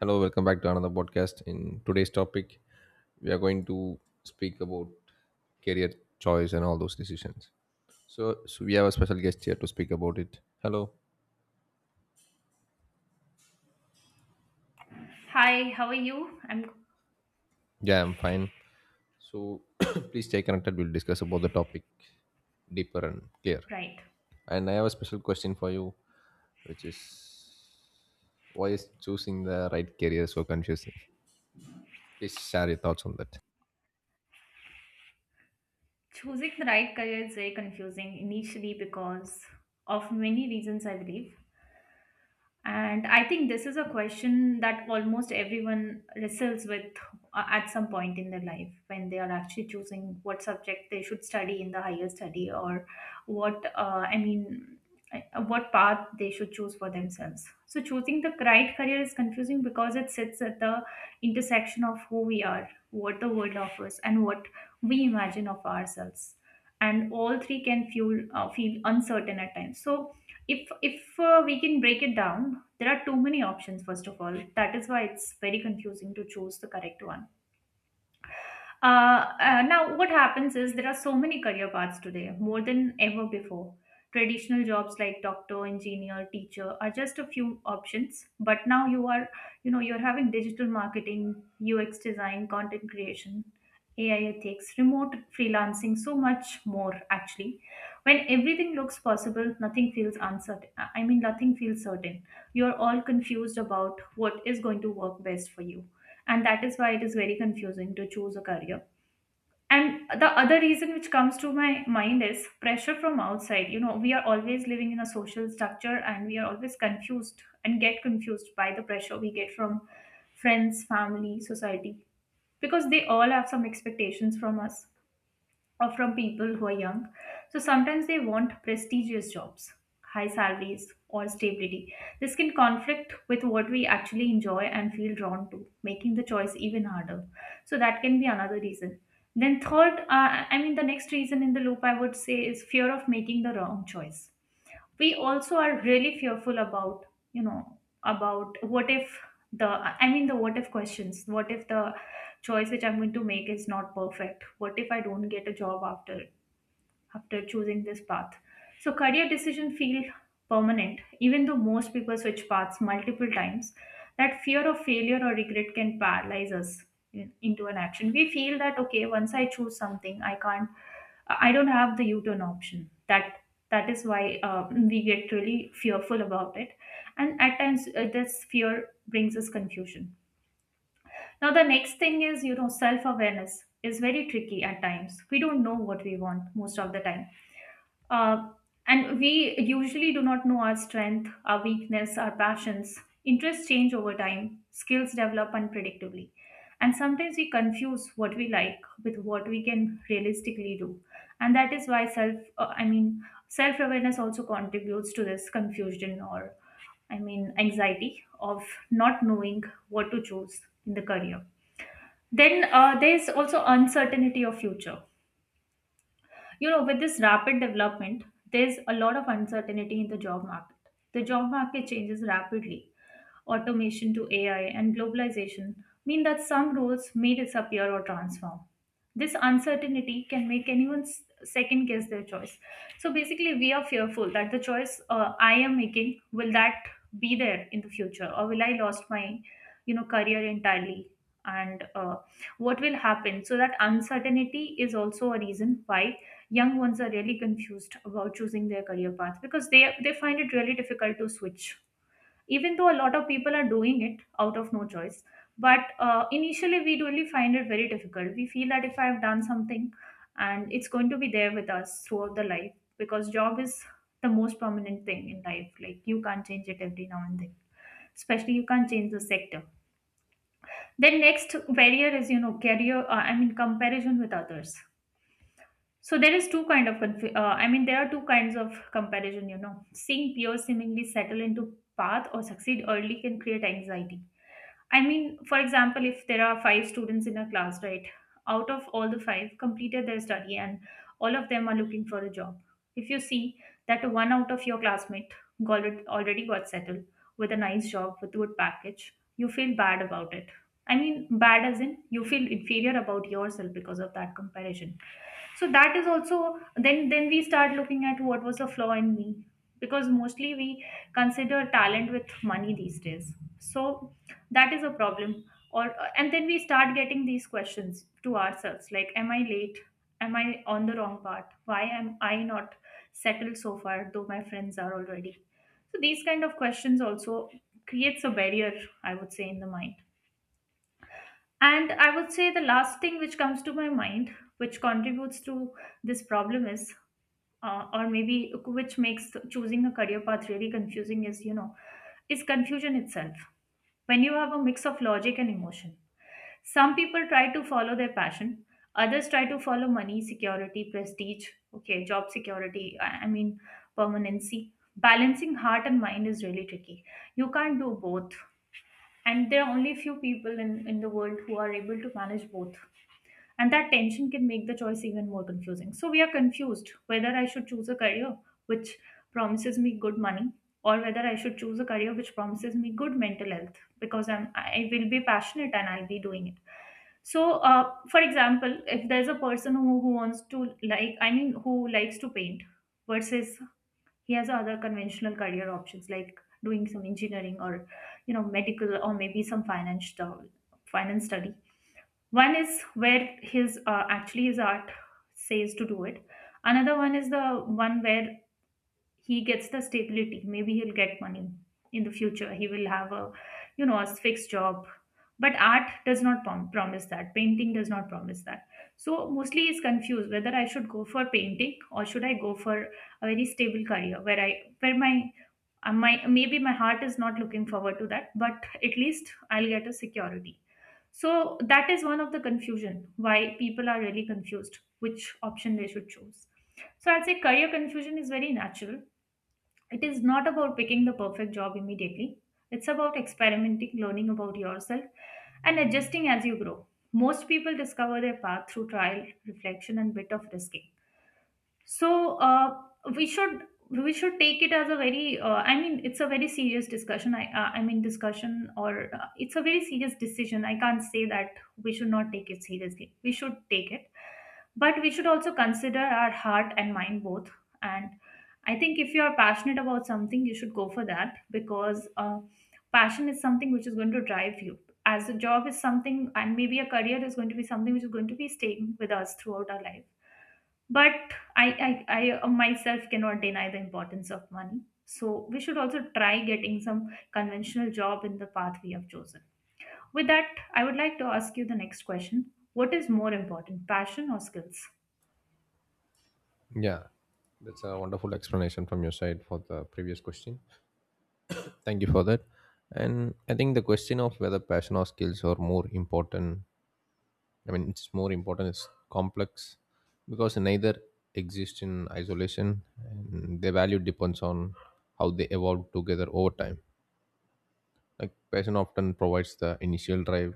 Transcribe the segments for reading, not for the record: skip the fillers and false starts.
Hello, welcome back to another podcast. In today's topic, we are going to speak about career choice and all those decisions. So we have a special guest here to speak about it. Hello. Hi, how are you? I'm Yeah, I'm fine. So, please stay connected. We'll discuss about the topic deeper and clear. Right. And I have a special question for you, which is why is choosing the right career so confusing? Please share your thoughts on that. Choosing the right career is very confusing initially because of many reasons, I believe. And I think this is a question that almost everyone wrestles with at some point in their life when they are actually choosing what subject they should study in the higher study or what, what path they should choose for themselves. So, choosing the right career is confusing because it sits at the intersection of who we are, what the world offers, and what we imagine of ourselves. And all three can feel uncertain at times. So, if we can break it down, there are too many options, first of all. That is why it's very confusing to choose the correct one. Now, what happens is there are so many career paths today, more than ever before. Traditional jobs like doctor, engineer, teacher are just a few options. But now you are, you know, you're having digital marketing, UX design, content creation, AI ethics, remote freelancing, so much more actually. When everything looks possible, nothing feels uncertain. I mean, nothing feels certain. You're all confused about what is going to work best for you. And that is why it is very confusing to choose a career, and the other reason which comes to my mind is pressure from outside. You know, we are always living in a social structure and we are always confused and get confused by the pressure we get from friends, family, society, because they all have some expectations from us or from people who are young. So sometimes they want prestigious jobs, high salaries, or stability. This can conflict with what we actually enjoy and feel drawn to, making the choice even harder. So that can be another reason. Then, third, the next reason in the loop I would say is fear of making the wrong choice. We also are really fearful about, you know, about what if, the I mean the what if questions, what if the choice which I'm going to make is not perfect, what if I don't get a job after choosing this path. So career decision feel permanent, even though most people switch paths multiple times. That fear of failure or regret can paralyze us into an action. We feel that okay, once I choose something, I don't have the U-turn option. That is why we get really fearful about it, and at times this fear brings us confusion. Now the next thing is, you know, self awareness is very tricky at times. We don't know what we want most of the time, uh, and we usually do not know our strength, our weakness, our passions. Interests change over time, skills develop unpredictably. And sometimes we confuse what we like with what we can realistically do. And that is why self awareness also contributes to this confusion or, I mean, anxiety of not knowing what to choose in the career. Then there's also uncertainty of future. You know, with this rapid development, there's a lot of uncertainty in the job market. The job market changes rapidly, automation to AI, and globalization mean that some roles may disappear or transform. This uncertainty can make anyone second guess their choice. So basically, we are fearful that the choice, I am making, will that be there in the future, or will I lost my, you know, career entirely? And what will happen? So that uncertainty is also a reason why young ones are really confused about choosing their career path, because they find it really difficult to switch, even though a lot of people are doing it out of no choice. But initially we really find it very difficult. We feel that if I have done something, and it's going to be there with us throughout the life, because job is the most permanent thing in life, like you can't change it every now and then, especially you can't change the sector. Then next barrier is, you know, career I mean comparison with others. So there is two kind of conf- I mean there are two kinds of comparison, you know, seeing peers seemingly settle into path or succeed early can create anxiety. I mean, for example, if there are five students in a class, right? Out of all, the five completed their study and all of them are looking for a job. If you see that one out of your classmate already got settled with a nice job, with good package, you feel bad about it. I mean, bad as in you feel inferior about yourself because of that comparison. So that is also, then we start looking at what was the flaw in me, because mostly we consider talent with money these days. So that is a problem, or and then we start getting these questions to ourselves like, am I late, am I on the wrong path, why am I not settled so far though my friends are already? So these kind of questions also creates a barrier, I would say, in the mind. And I would say the last thing which comes to my mind, which contributes to this problem, is or maybe which makes choosing a career path really confusing is, you know, is confusion itself. When you have a mix of logic and emotion, some people try to follow their passion, others try to follow money, security, prestige, okay, job security, permanency. Balancing heart and mind is really tricky. You can't do both. And there are only few people in the world who are able to manage both. And that tension can make the choice even more confusing. So we are confused whether I should choose a career which promises me good money, or whether I should choose a career which promises me good mental health because I will be passionate and I'll be doing it. So for example, if there's a person who wants to, who likes to paint versus he has other conventional career options like doing some engineering, or you know medical, or maybe some finance study. One is where his actually his art says to do it, another one is the one where he gets the stability, maybe he'll get money, in the future he will have a, you know, a fixed job, but art does not promise that, painting does not promise that. So mostly he's confused whether I should go for painting or should I go for a very stable career where I where my maybe my heart is not looking forward to that, but at least I'll get a security. So that is one of the confusion why people are really confused which option they should choose. So I'll say career confusion is very natural. It is not about picking the perfect job immediately. It's about experimenting, learning about yourself, and adjusting as you grow. Most people discover their path through trial, reflection, and bit of risk. So we should we should take it as a very I mean it's a very serious discussion I mean discussion or it's a very serious decision. I can't say that we should not take it seriously, we should take it, but we should also consider our heart and mind both. And I think if you are passionate about something you should go for that, because passion is something which is going to drive you, as a job is something, and maybe a career is going to be something which is going to be staying with us throughout our life. But I myself cannot deny the importance of money, so we should also try getting some conventional job in the path we have chosen. With that, I would like to ask you the next question: what is more important, passion or skills? Yeah, that's a wonderful explanation from your side for the previous question. Thank you for that. And I think the question of whether passion or skills are more important, I mean, it's more important, is complex because neither exist in isolation and their value depends on how they evolve together over time. Like, passion often provides the initial drive,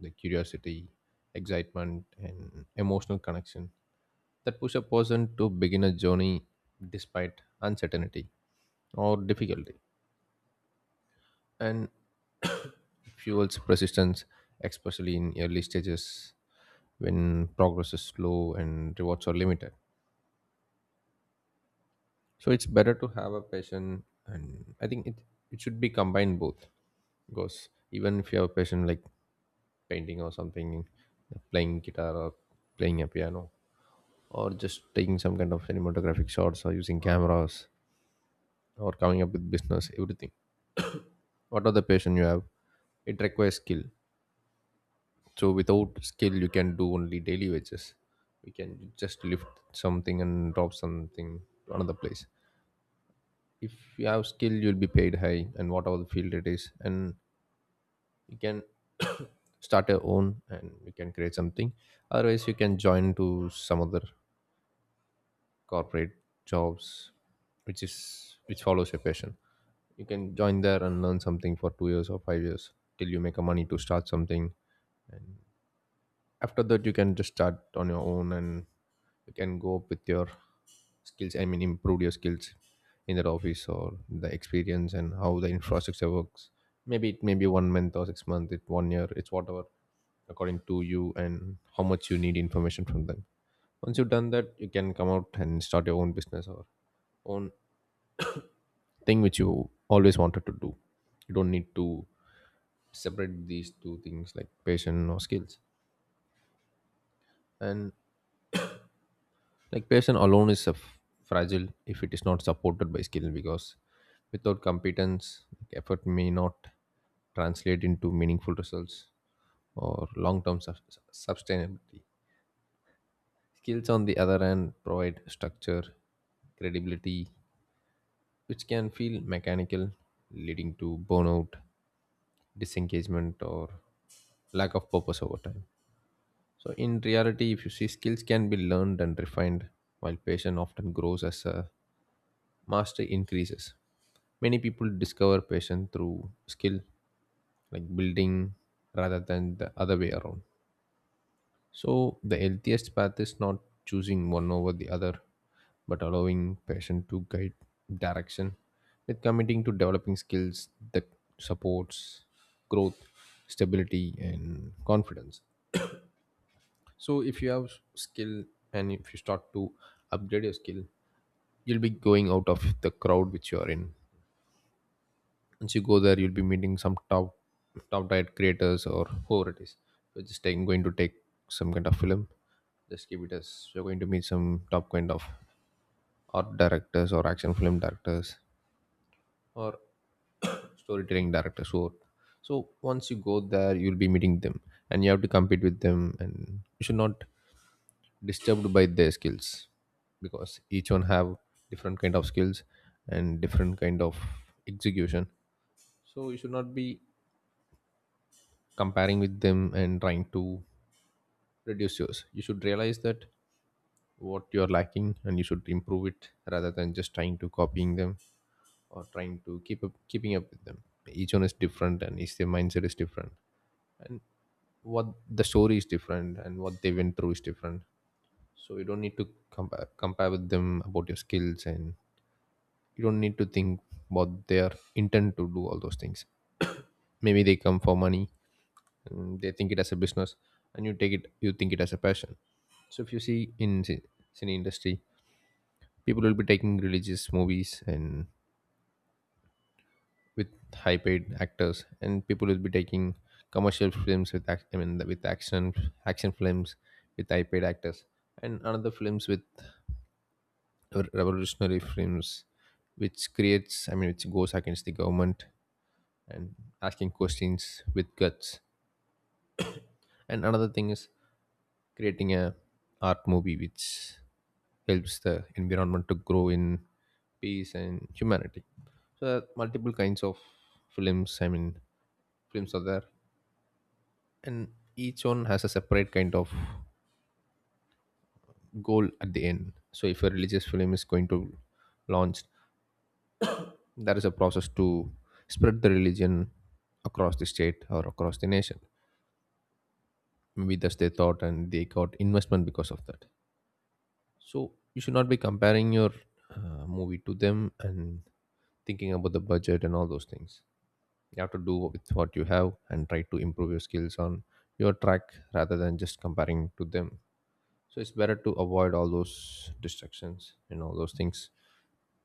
the curiosity, excitement, and emotional connection that push a person to begin a journey despite uncertainty or difficulty. And fuels persistence, especially in early stages when progress is slow and rewards are limited. So it's better to have a passion, and I think it should be combined both because even if you have a passion like painting or something, playing guitar or playing a piano, or just taking some kind of cinematographic shots or using cameras or coming up with business, everything, whatever the passion you have, it requires skill. So without skill, you can do only daily wages. We can just lift something and drop something to another place. If you have skill, you'll be paid high, and whatever the field it is, and you can start your own and you can create something. Otherwise, you can join to some other corporate jobs which is which follows your passion. You can join there and learn something for 2 years or 5 years till you make a money to start something. And after that, you can just start on your own and you can go up with your skills, I mean improve your skills, in that office or the experience and how the infrastructure works. Maybe it may be one month or 6 months, it one year, it's whatever, according to you and how much you need information from them. Once you've done that, you can come out and start your own business or own thing which you always wanted to do. You don't need to separate these two things like passion or skills. And like passion alone is a fragile if it is not supported by skill, because without competence, like, effort may not translate into meaningful results or long-term sustainability. Skills, on the other hand, provide structure, credibility, which can feel mechanical, leading to burnout, disengagement, or lack of purpose over time. So, in reality, if you see, skills can be learned and refined, while passion often grows as a mastery increases. Many people discover passion through skill, like building, rather than the other way around. So, the healthiest path is not choosing one over the other, but allowing passion to guide direction with committing to developing skills that supports growth, stability, and confidence. So, if you have skill and if you start to upgrade your skill, you'll be going out of the crowd which you are in. Once you go there, you'll be meeting some top diet creators or whoever it is. We're just going to take some kind of film, just keep it as you're going to meet some top kind of art directors or action film directors or storytelling directors who. So once you go there, you'll be meeting them and you have to compete with them and you should not disturbed by their skills, because each one have different kind of skills and different kind of execution. So you should not be comparing with them and trying to reduce yours. You should realize that what you're lacking and you should improve it rather than just trying to copying them or trying to keeping up with them. Each one is different and each their mindset is different. And what the story is different and what they went through is different. So you don't need to compare with them about your skills, and you don't need to think about their intent to do all those things. Maybe they come for money and they think it as a business, and you take it you think it as a passion. So if you see in cine industry, people will be taking religious movies and with high paid actors, and people will be taking commercial films with I mean with action films with high paid actors, and another films with revolutionary films which creates, I mean which goes against the government and asking questions with guts, and another thing is creating a art movie which helps the environment to grow in peace and humanity. So there are multiple kinds of films, I mean films are there, and each one has a separate kind of goal at the end. So if a religious film is going to launch, there is a process to spread the religion across the state or across the nation. Maybe that's their thought and they got investment because of that. So you should not be comparing your movie to them and thinking about the budget and all those things. You have to do with what you have and try to improve your skills on your track rather than just comparing to them. So it's better to avoid all those distractions and all those things,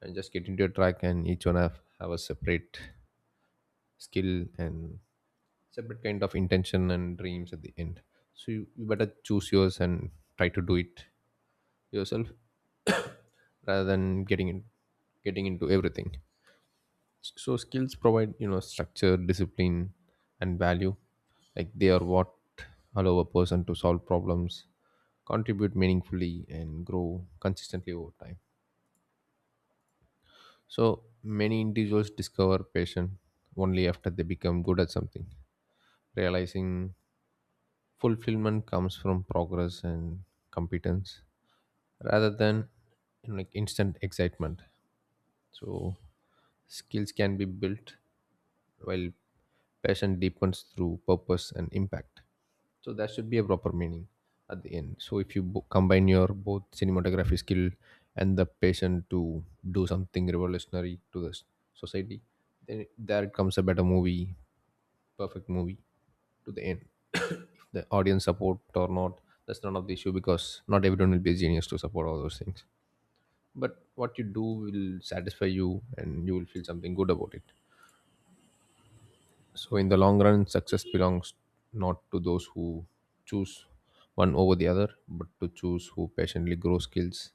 and just get into your track, and each one have a separate skill and separate kind of intention and dreams at the end. So you better choose yours and try to do it yourself rather than getting into everything. So skills provide, you know, structure, discipline, and value. Like they are what allow a person to solve problems, contribute meaningfully, and grow consistently over time. So many individuals discover passion only after they become good at something, realizing fulfillment comes from progress and competence rather than, you know, like instant excitement. So skills can be built, while passion deepens through purpose and impact. So that should be a proper meaning at the end. So if you combine your both cinematography skill and the passion to do something revolutionary to the society, then there comes a better movie, perfect movie, to the end. If the audience support or not, that's none of the issue because not everyone will be a genius to support all those things. But what you do will satisfy you and you will feel something good about it. So in the long run, success belongs not to those who choose one over the other, but to choose who patiently grow skills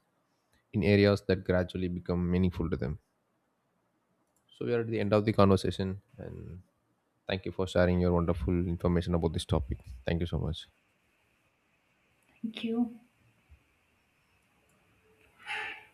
in areas that gradually become meaningful to them. So we are at the end of the conversation, and thank you for sharing your wonderful information about this topic. Thank you so much. Thank you.